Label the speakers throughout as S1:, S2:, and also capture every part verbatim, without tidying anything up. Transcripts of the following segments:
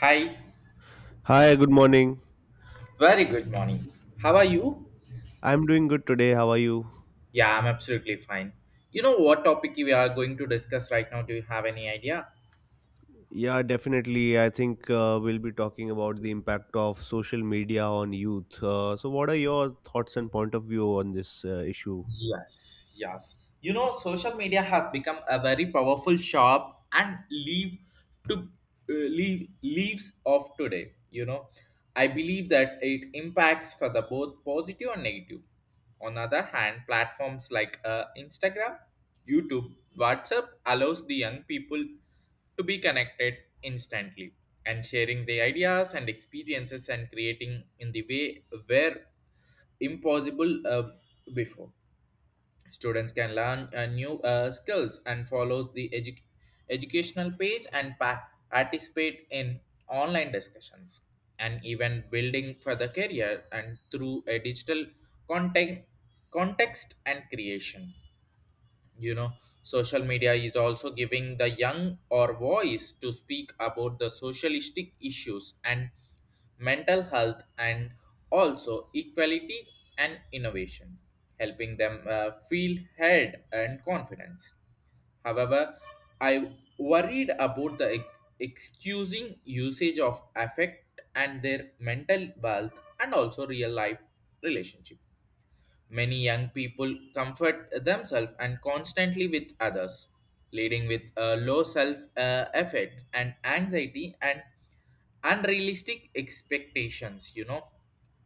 S1: Hi,
S2: Hi, good morning.
S1: very good morning. How are you?
S2: I'm doing good today. How are you?
S1: Yeah, I'm absolutely fine. You know what topic we are going to discuss right now? Do you have any idea?
S2: Yeah, definitely. I think uh, we'll be talking about the impact of social media on youth. Uh, so, what are your thoughts and point of view on this uh, issue?
S1: Yes, yes. You know, social media has become a very powerful shop and leave to uh, leave leaves of today. You know, I believe that it impacts for the both positive and negative. On other hand, platforms like uh, Instagram, YouTube, WhatsApp allows the young people to be connected instantly and sharing their ideas and experiences and creating in the way where impossible uh, before. Students can learn uh, new uh, skills and follows the edu- educational page and pa- participate in online discussions and even building for the career and through a digital content, context and creation, you know, social media is also giving the young or voice to speak about the socialistic issues and mental health and also equality and innovation, helping them uh, feel head and confidence. However, I worried about the ex- excusing usage of affect and their mental wealth and also real life relationship. Many young people comfort themselves and constantly with others, leading with a low self uh, effect and anxiety and unrealistic expectations. You know,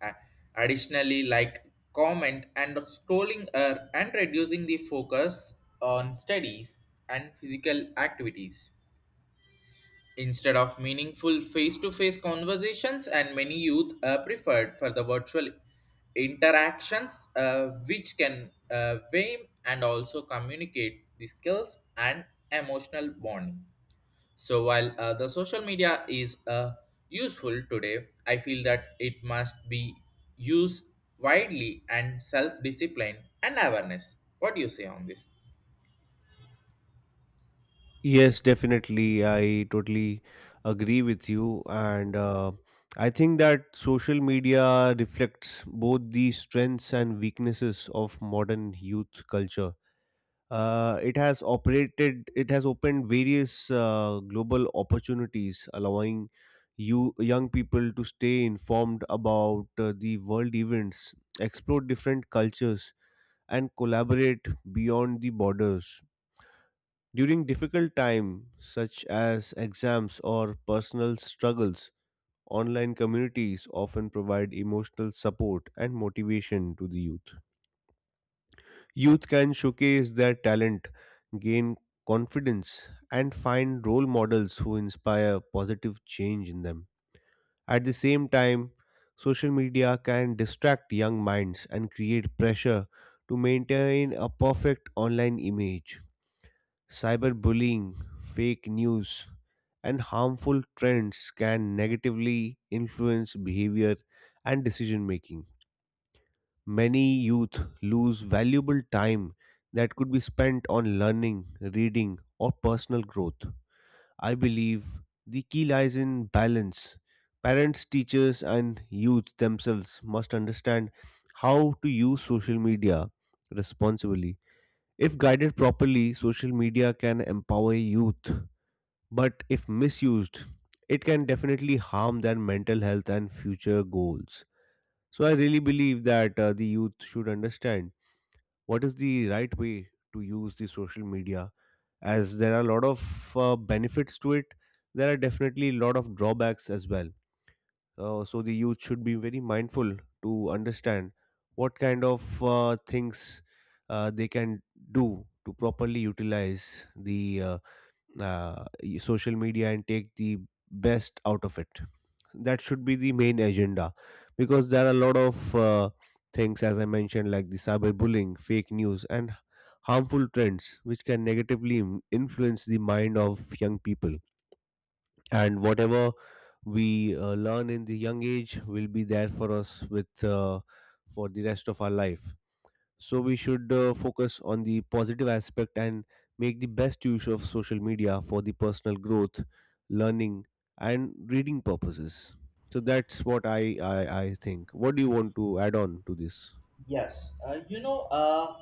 S1: A- additionally, like comment and scrolling uh, and reducing the focus on studies and physical activities. Instead of meaningful face to face conversations, and many youth uh, preferred for the virtual interactions, uh, which can uh, weigh and also communicate the skills and emotional bonding. So, while uh, the social media is uh, useful today, I feel that it must be used widely and self discipline and awareness. What do you say on this?
S2: Yes, definitely. I totally agree with you. And uh, I think that social media reflects both the strengths and weaknesses of modern youth culture. Uh, it has operated, it has opened various uh, global opportunities, allowing you young people to stay informed about uh, the world events, explore different cultures, and collaborate beyond the borders. During difficult time, such as exams or personal struggles, online communities often provide emotional support and motivation to the youth. Youth can showcase their talent, gain confidence, and find role models who inspire positive change in them. At the same time, social media can distract young minds and create pressure to maintain a perfect online image. Cyberbullying, fake news, and harmful trends can negatively influence behavior and decision making. Many youth lose valuable time that could be spent on learning, reading, or personal growth. I believe the key lies in balance. Parents, teachers, and youth themselves must understand how to use social media responsibly. If guided properly, social media can empower youth, but if misused, it can definitely harm their mental health and future goals. So I really believe that uh, the youth should understand what is the right way to use the social media, as there are a lot of uh, benefits to it. There are definitely a lot of drawbacks as well. Uh, so, the youth should be very mindful to understand what kind of uh, things uh, they can do to properly utilize the uh, uh, social media and take the best out of it. That should be the main agenda, because there are a lot of uh, things, as I mentioned, like the cyberbullying, fake news, and harmful trends, which can negatively im- influence the mind of young people. And whatever we uh, learn in the young age will be there for us with uh, for the rest of our life. So we should uh, focus on the positive aspect and make the best use of social media for the personal growth, learning, and reading purposes. So that's what I, I, I think. What do you want to add on to this?
S1: Yes, uh, you know, uh,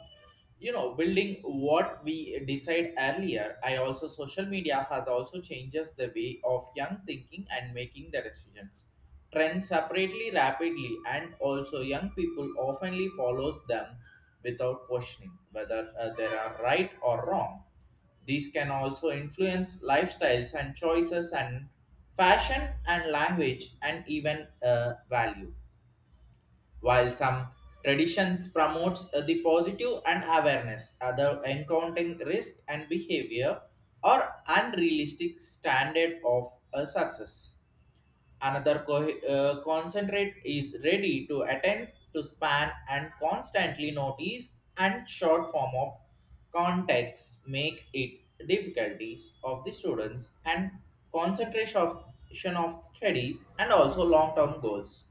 S1: you know, building what we decide earlier. I also social media has also changes the way of young thinking and making the decisions. Trends separately rapidly, and also young people oftenly follows them without questioning whether uh, they are right or wrong. These can also influence lifestyles and choices and fashion and language and even uh, value. While some traditions promotes uh, the positive and awareness, other encountering risk and behavior or unrealistic standard of uh, success. Another co- uh, concentrate is ready to attend to span and constantly notice and short form of context make it difficulties of the students and concentration of of studies and also long-term goals.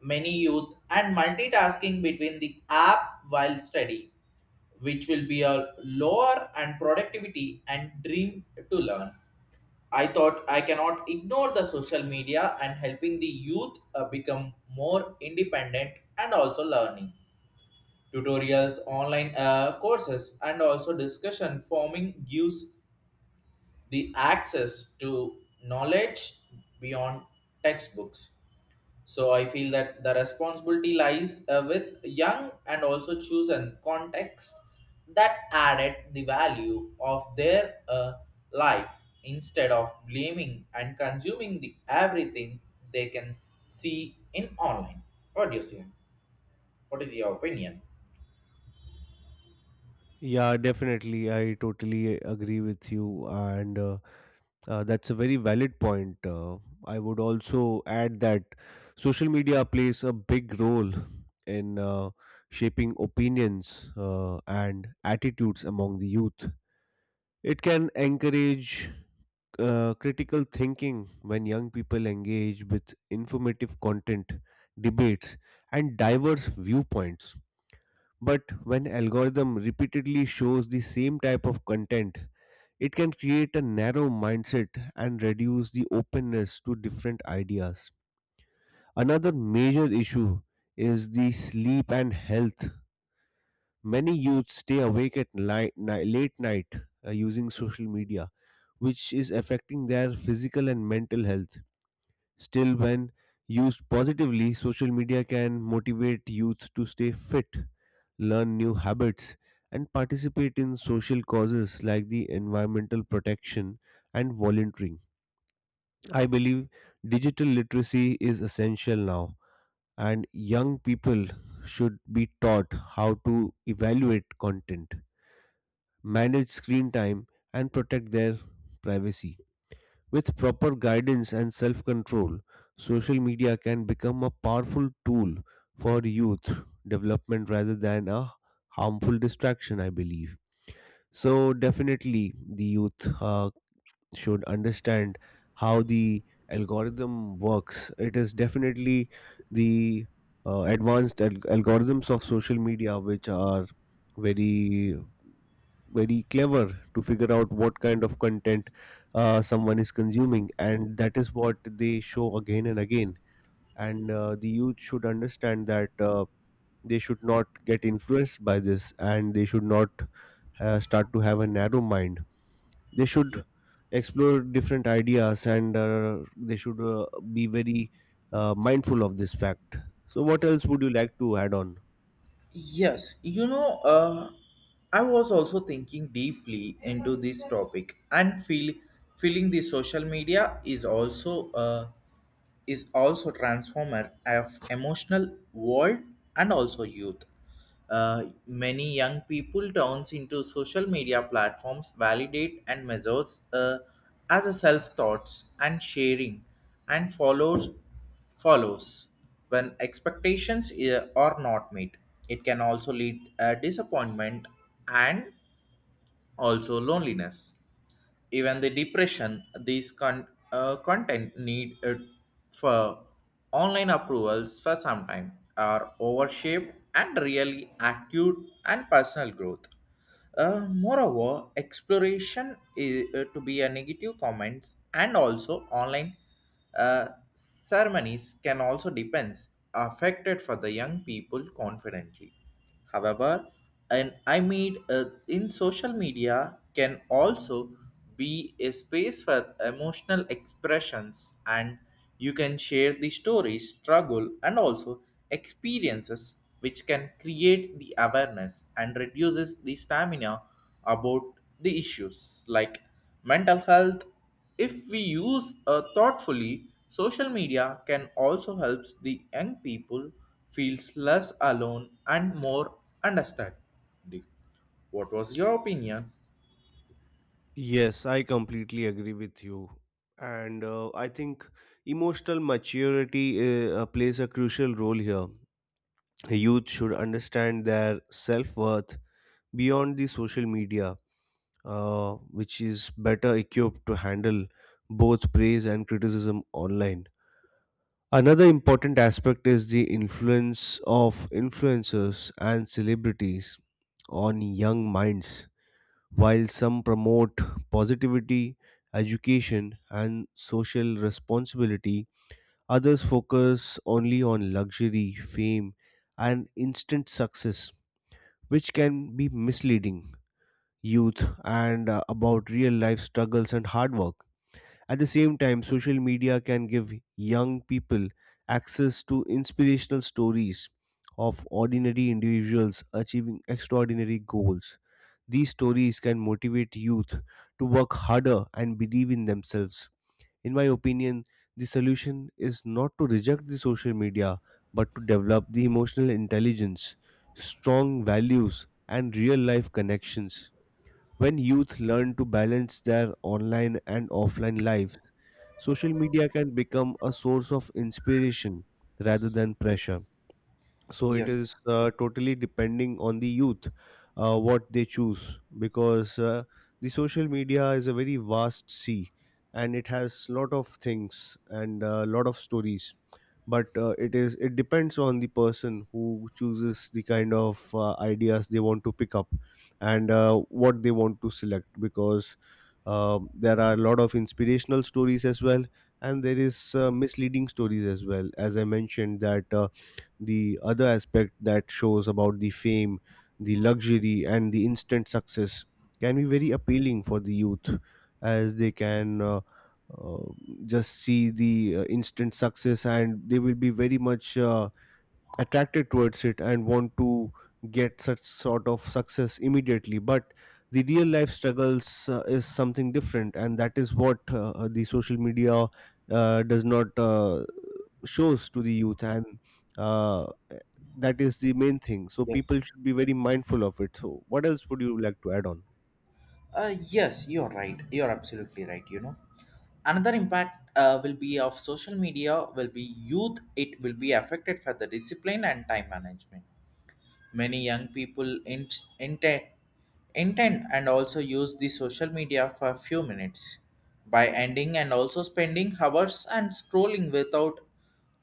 S1: Many youth and multitasking between the app while study, which will be a lower and productivity and dream to learn. I thought I cannot ignore the social media and helping the youth uh, become more independent and also learning. Tutorials, online uh, courses, and also discussion forming gives the access to knowledge beyond textbooks. So I feel that the responsibility lies uh, with young and also chosen context that added the value of their uh, life instead of blaming and consuming the everything they can see in online. What do you see? What is your opinion?
S2: Yeah, definitely. I totally agree with you. And uh, uh, That's a very valid point. Uh, I would also add that social media plays a big role in uh, shaping opinions uh, and attitudes among the youth. It can encourage uh, critical thinking when young people engage with informative content, debates, and diverse viewpoints. But when algorithm repeatedly shows the same type of content, it can create a narrow mindset and reduce the openness to different ideas. Another major issue is the sleep and health. Many youth stay awake at night, ni- late night uh, using social media, which is affecting their physical and mental health. Still, when used positively, social media can motivate youth to stay fit, learn new habits, and participate in social causes like the environmental protection and volunteering. I believe digital literacy is essential now, and young people should be taught how to evaluate content, manage screen time, and protect their privacy. With proper guidance and self control, social media can become a powerful tool for youth development rather than a harmful distraction, I believe. So, definitely, the youth uh, should understand how the algorithm works. It is definitely the uh, advanced al- algorithms of social media which are very very clever to figure out what kind of content uh, someone is consuming, and that is what they show again and again. And uh, the youth should understand that uh, they should not get influenced by this, and they should not uh, start to have a narrow mind. They
S1: Yeah.
S2: should explore different ideas, and uh, they should uh, be very uh, mindful of this fact. So, what else would you like to add on?
S1: Yes, you know, uh, I was also thinking deeply into this topic and feel feeling the social media is also uh, is also transformer of emotional world and also youth. Uh, many young people turns into social media platforms, validate and measures uh, as a self thoughts and sharing, and follows follows when expectations uh, are not met. It can also lead uh, disappointment and also loneliness, even the depression. These con- uh, content need uh, for online approvals for some time are overshaped and really acute and personal growth. Uh, moreover, exploration is uh, to be a negative comments and also online uh, ceremonies can also depends affected for the young people confidently. However, and I made uh, in social media can also be a space for emotional expressions, and you can share the stories, struggle and also experiences which can create the awareness and reduces the stamina about the issues like mental health. If we use uh, thoughtfully, social media can also help the young people feels less alone and more understanding. What was your opinion?
S2: Yes, I completely agree with you. And uh, I think emotional maturity uh, uh, plays a crucial role here. Youth should understand their self worth beyond the social media, uh, which is better equipped to handle both praise and criticism online. Another important aspect is the influence of influencers and celebrities on young minds. While some promote positivity, education, and social responsibility, others focus only on luxury, fame, and instant success, which can be misleading youth and uh, about real life struggles and hard work. At the same time, social media can give young people access to inspirational stories of ordinary individuals achieving extraordinary goals. These stories can motivate youth to work harder and believe in themselves. In my opinion, the solution is not to reject the social media, but to develop the emotional intelligence, strong values, and real life connections. When youth learn to balance their online and offline lives, social media can become a source of inspiration rather than pressure. So it
S1: Yes,
S2: is uh, totally depending on the youth uh, what they choose, because uh, the social media is a very vast sea and it has lot of things and a lot of stories. But uh, it is it depends on the person who chooses the kind of uh, ideas they want to pick up and uh, what they want to select, because um there are a lot of inspirational stories as well, and there is uh, misleading stories as well. As I mentioned that uh, the other aspect that shows about the fame, the luxury, and the instant success can be very appealing for the youth, as they can uh, uh, just see the uh, instant success and they will be very much. Uh, attracted towards it and want to get such sort of success immediately, but the real life struggles uh, is something different, and that is what uh, uh, the social media uh, does not uh, shows to the youth, and uh, that is the main thing. So people
S1: yes.
S2: should be very mindful of it. So what else would you like to add on?
S1: Uh, yes, you're right. You're absolutely right, you know. Another impact uh, will be of social media will be youth. It will be affected for the discipline and time management. Many young people int- inte- intend and also use the social media for a few minutes by ending and also spending hours and scrolling without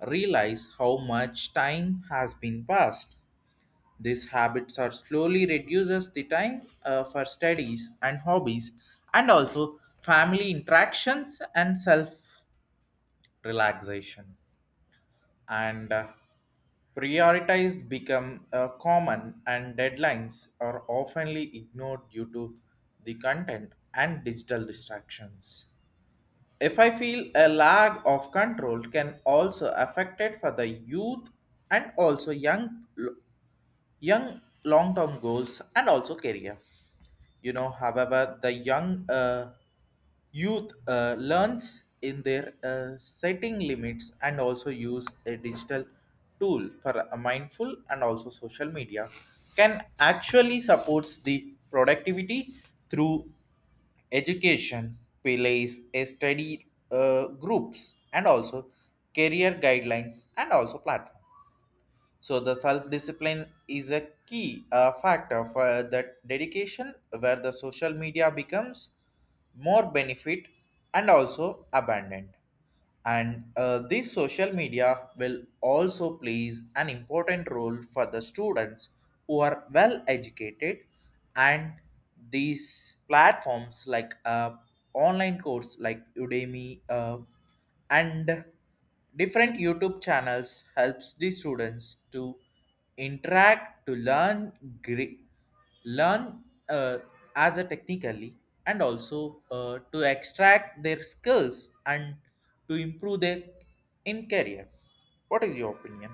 S1: realize how much time has been passed. These habits are slowly reduces the time uh, for studies and hobbies and also family interactions and self relaxation and uh, priorities become uh, common and deadlines are oftenly ignored due to the content and digital distractions. If I feel a lack of control can also affect it for the youth and also young young long-term goals and also career, you know. However, the young uh, youth uh, learns in their uh, setting limits and also use a digital tool for a mindful and also social media can actually supports the productivity through education, plays a study uh, groups and also career guidelines and also platforms. So the self-discipline is a key uh, factor for that dedication where the social media becomes more benefit and also abundant. And uh, this social media will also plays an important role for the students who are well educated, and these platforms like uh, online course like Udemy, uh, and different YouTube channels helps the students to interact to learn gre- learn uh, as a technically and also uh, to extract their skills and to improve their in career. What is your opinion?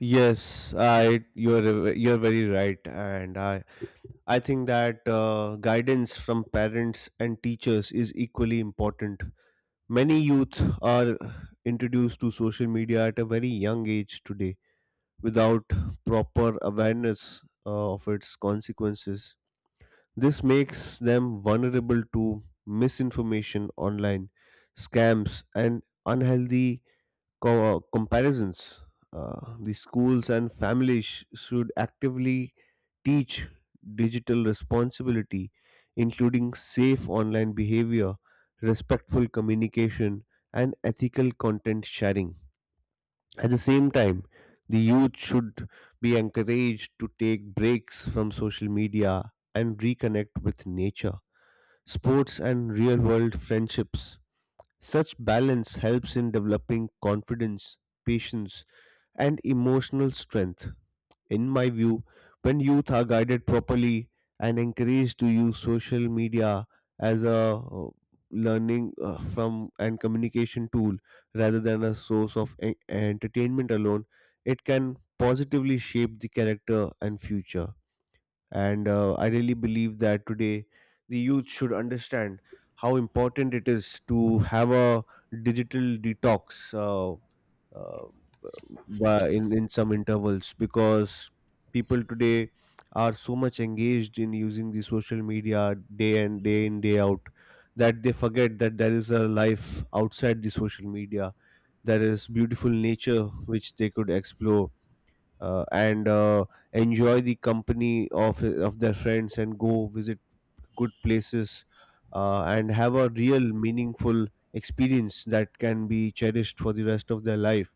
S2: Yes, I you're a- you're very right, and I I think that uh, guidance from parents and teachers is equally important. Many youth are introduced to social media at a very young age today without proper awareness uh, of its consequences. This makes them vulnerable to misinformation online, scams, and unhealthy co- uh, comparisons. Uh, the schools and families sh- should actively teach digital responsibility, including safe online behavior, respectful communication, and ethical content sharing. At the same time, the youth should be encouraged to take breaks from social media and reconnect with nature, sports, and real world friendships. Such balance helps in developing confidence, patience, and emotional strength. In my view, when youth are guided properly and encouraged to use social media as a uh, learning uh, from and communication tool rather than a source of en- entertainment alone, it can positively shape the character and future. And uh, I really believe that today the youth should understand how important it is to have a digital detox uh, uh, by in in some intervals, because people today are so much engaged in using the social media day and day in day out, that they forget that there is a life outside the social media. There is beautiful nature which they could explore, uh, and uh, enjoy the company of of their friends and go visit good places, uh, and have a real meaningful experience that can be cherished for the rest of their life.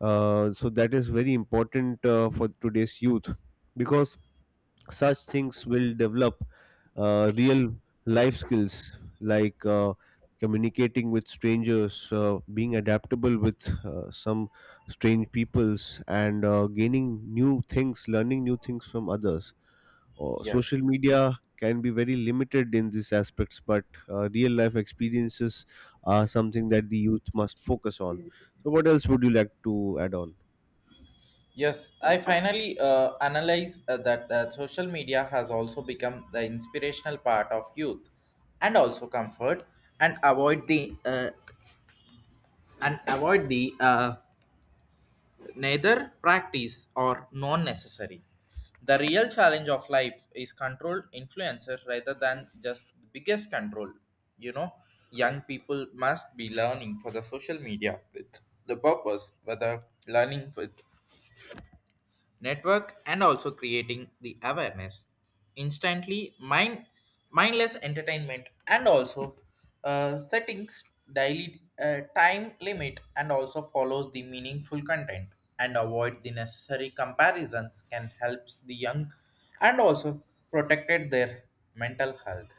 S2: uh, So that is very important uh, for today's youth, because such things will develop uh, real life skills like uh, communicating with strangers, uh, being adaptable with uh, some strange peoples, and uh, gaining new things, learning new things from others. Uh,
S1: Yes.
S2: social media can be very limited in these aspects, but uh, real life experiences are something that the youth must focus on. So, what else would you like to add on?
S1: Yes, I finally uh, analyze uh, that uh, social media has also become the inspirational part of youth and also comfort and avoid the uh, and avoid the uh, neither practice or non necessary. The real challenge of life is controlled influencer rather than just the biggest control. You know, young people must be learning for the social media with the purpose, whether learning with network and also creating the awareness instantly mind mindless entertainment and also uh, settings daily uh, time limit and also follows the meaningful content and avoid the necessary comparisons can help the young and also protected their mental health.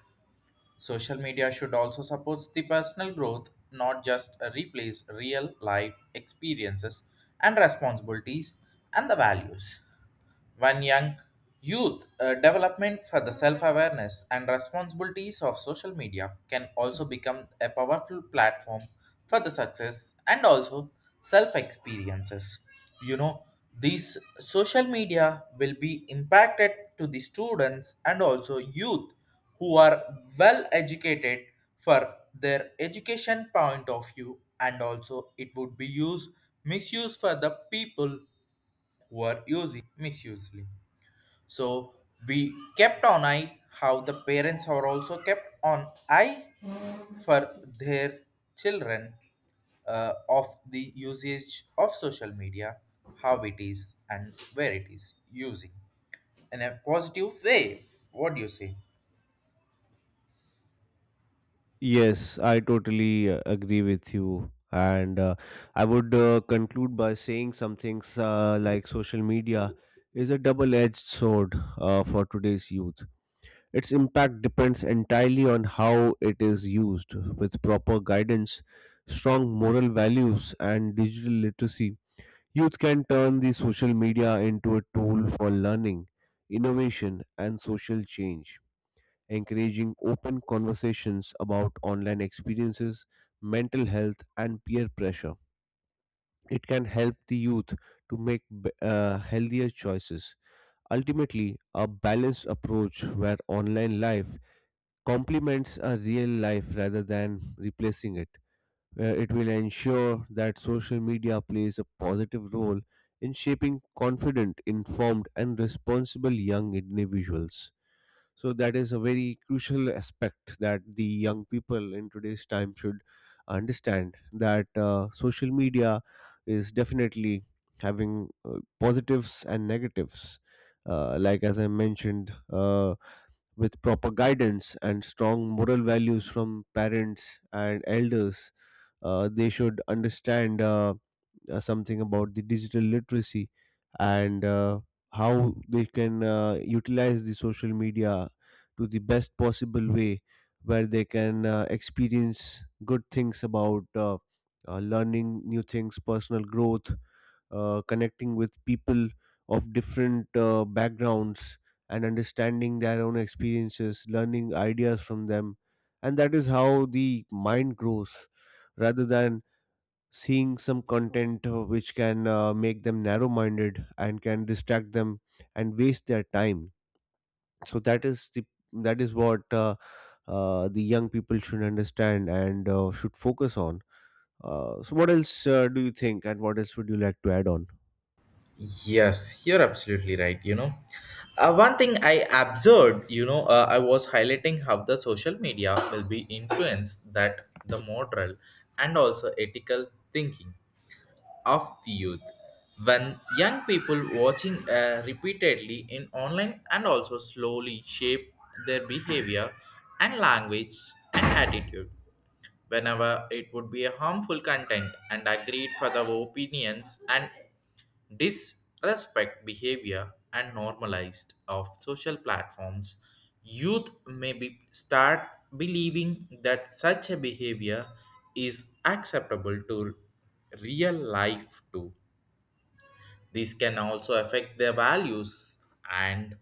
S1: Social media should also support the personal growth, not just replace real life experiences and responsibilities and the values. One young youth uh, development for the self awareness and responsibilities of social media can also become a powerful platform for the success and also self experiences. You know, these social media will be impacted to the students and also youth who are well educated for their education point of view, and also it would be used misuse for the people who are using misusely. So we kept on eye how the parents are also kept on eye for their children, uh, of the usage of social media, how it is and where it is using in a positive way. What do you say?
S2: Yes, I totally uh, agree with you. And uh, I would uh, conclude by saying some things uh, like social media is a double edged sword uh, for today's youth. Its impact depends entirely on how it is used. With proper guidance, strong moral values, and digital literacy, youth can turn the social media into a tool for learning, innovation, and social change, encouraging open conversations about online experiences, mental health, and peer pressure. It can help the youth to make b- uh, healthier choices. Ultimately, a balanced approach where online life complements a real life rather than replacing it. Where it will ensure that social media plays a positive role in shaping confident, informed, and responsible young individuals. So that is a very crucial aspect, that the young people in today's time should understand that uh, social media is definitely having uh, positives and negatives. Uh, like as I mentioned, uh, with proper guidance and strong moral values from parents and elders, uh, they should understand. Uh, uh, something about the digital literacy and uh, how they can uh, utilize the social media to the best possible way where they can uh, experience good things about uh, uh, learning new things, personal growth, uh, connecting with people of different uh, backgrounds and understanding their own experiences, learning ideas from them. And that is how the mind grows rather than seeing some content uh, which can uh, make them narrow minded and can distract them and waste their time. So that is the that is what uh, uh, the young people should understand and uh, should focus on. Uh, so what else uh, do you think and what else would you like to add on?
S1: Yes, you're absolutely right. You know, uh, one thing I observed, you know, uh, I was highlighting how the social media will be influenced that the moral and also ethical thinking of the youth when young people watching uh, repeatedly in online and also slowly shape their behavior and language and attitude. Whenever it would be a harmful content and agreed for the opinions and disrespect behavior and normalized of social platforms, youth may be start believing that such a behavior is acceptable to real life too. This can also affect their values and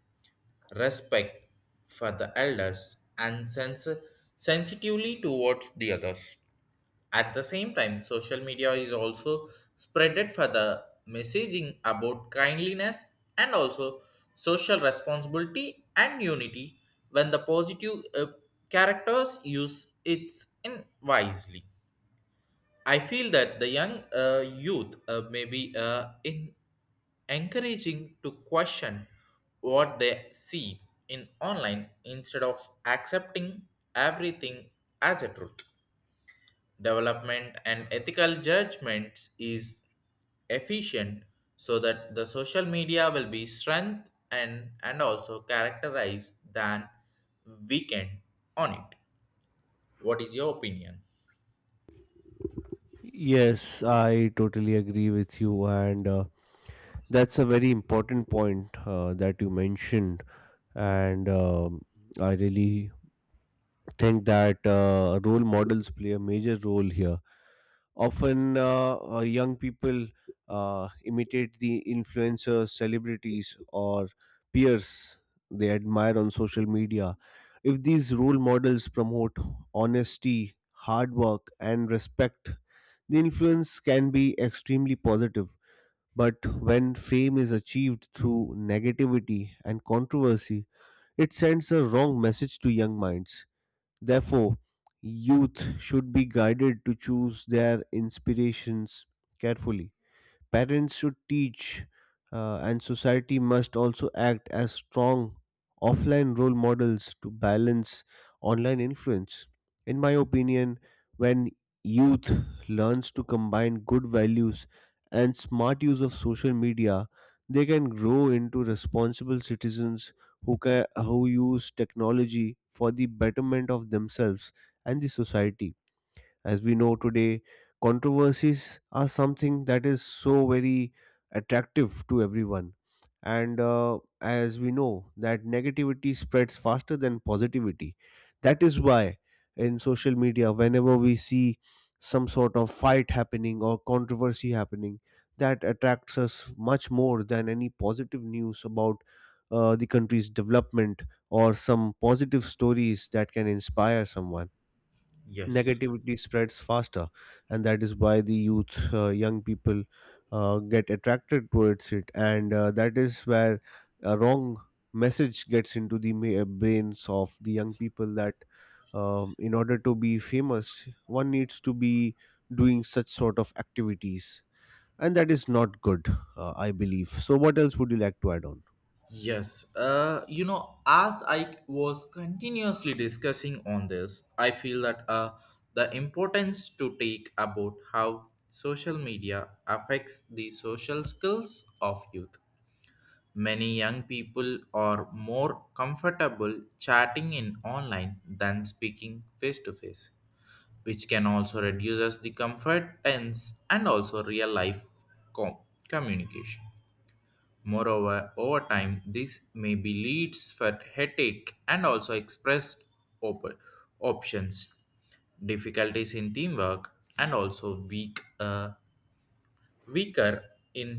S1: respect for the elders and sens- sensitively towards the others. At the same time, social media is also spreaded for the messaging about kindliness and also social responsibility and unity when the positive uh, characters use it in wisely. I feel that the young uh, youth uh, may be uh, in encouraging to question what they see in online instead of accepting everything as a truth. Development and ethical judgments is efficient so that the social media will be strength and, and also characterized than weakened on it. What is your opinion?
S2: Yes, I totally agree with you, and uh, that's a very important point uh, that you mentioned. And um, i really think that uh, role models play a major role here. Often, uh, uh, young people uh, imitate the influencers, celebrities, or peers they admire on social media. If these role models promote honesty, hard work, and respect, the influence can be extremely positive. But when fame is achieved through negativity and controversy, it sends a wrong message to young minds. Therefore, youth should be guided to choose their inspirations carefully. Parents should teach, uh, and society must also act as strong offline role models to balance online influence. In my opinion, when youth learns to combine good values and smart use of social media, they can grow into responsible citizens who ca- who use technology for the betterment of themselves and the society. As we know today, controversies are something that is so very attractive to everyone. And uh, as we know, that negativity spreads faster than positivity. That is why in social media, whenever we see some sort of fight happening or controversy happening, that attracts us much more than any positive news about uh, the country's development or some positive stories that can inspire someone.
S1: Yes.
S2: Negativity spreads faster, and that is why the youth uh, young people uh, get attracted towards it, and uh, that is where a wrong message gets into the ma- uh, brains of the young people that um, in order to be famous, one needs to be doing such sort of activities, and that is not good, uh, I believe. So what else would you like to add on?
S1: Yes, uh, you know, as I was continuously discussing on this, I feel that uh, the importance to take about how social media affects the social skills of youth. Many young people are more comfortable chatting in online than speaking face to face, which can also reduces the comfortance and also real life com- communication. Moreover, over time, this may be leads for headache and also expressed op- options, difficulties in teamwork, and also weak, uh, weaker in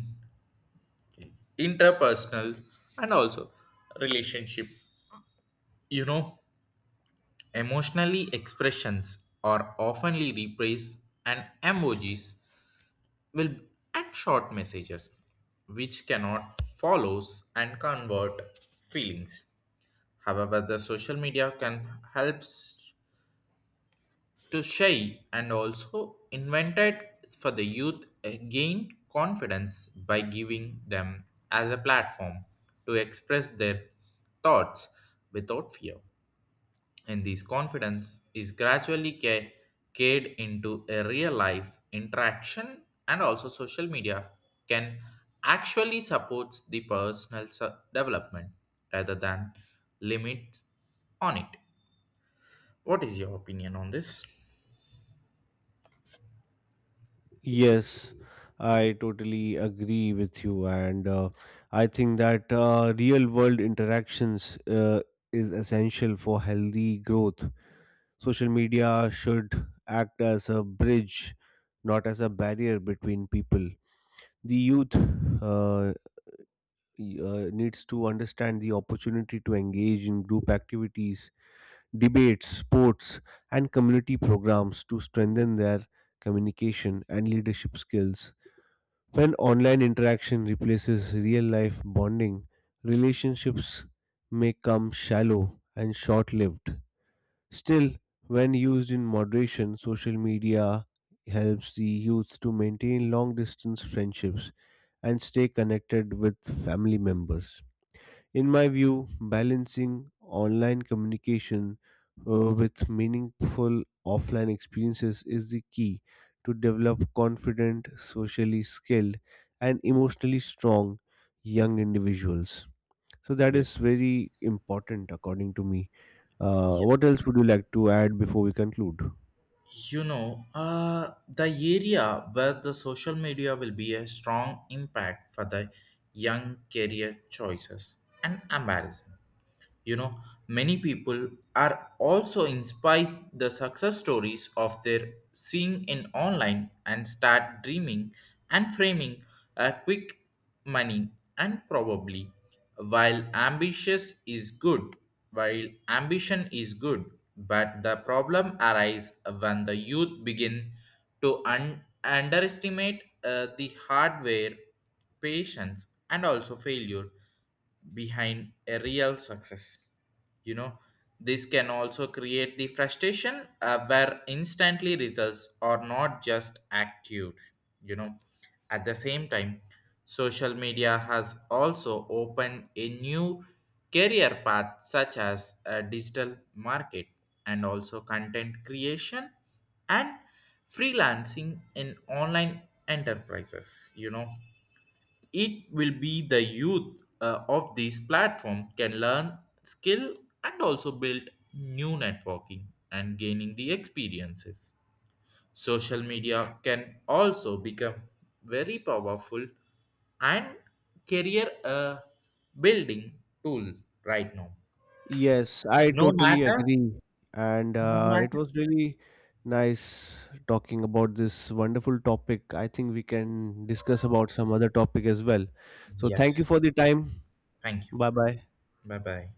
S1: interpersonal and also relationship. You know, emotionally expressions are oftenly replaced and emojis will and short messages, which cannot follows and convert feelings. However, the social media can helps to shy and also invented for the youth uh, gain confidence by giving them as a platform to express their thoughts without fear. And this confidence is gradually ca- carried into a real life interaction, and also social media can actually supports the personal se- development rather than limits on it. What is your opinion on this?
S2: Yes, I totally agree with you, and uh, I think that uh, real world interactions uh, is essential for healthy growth. Social media should act as a bridge, not as a barrier between people. The youth uh, y- uh, needs to understand the opportunity to engage in group activities, debates, sports, and community programs to strengthen their communication and leadership skills. When online interaction replaces real life bonding, relationships may come shallow and short lived. Still, when used in moderation, social media helps the youth to maintain long distance friendships and stay connected with family members. In my view, balancing online communication uh, with meaningful offline experiences is the key to develop confident, socially skilled, and emotionally strong young individuals. So that is
S1: Yes.
S2: very important according to me. Uh,
S1: Yes.
S2: what else would you like to add before we conclude?
S1: You know, uh, the area where the social media will be a strong impact for the young career choices and embarrassing. You know, many people are also inspired the success stories of their seeing in online and start dreaming and framing a quick money and probably while ambitious is good while ambition is good, but the problem arises when the youth begin to un- underestimate uh, the hardware patience and also failure behind a real success. You know, this can also create the frustration uh, where instantly results are not just active. You know, at the same time, social media has also opened a new career path such as a digital market and also content creation and freelancing in online enterprises. You know, it will be the youth uh, of this platform can learn skill and also build new networking and gaining the experiences. Social media can also become very powerful and career uh, building tool right now.
S2: Yes, I
S1: no
S2: totally
S1: matter
S2: agree. And
S1: no
S2: uh, it
S1: matter
S2: was really nice talking about this wonderful topic. I think we can discuss about some other topic as well. So thank you
S1: Yes,
S2: for the time.
S1: thank you.
S2: Bye bye.
S1: Bye bye.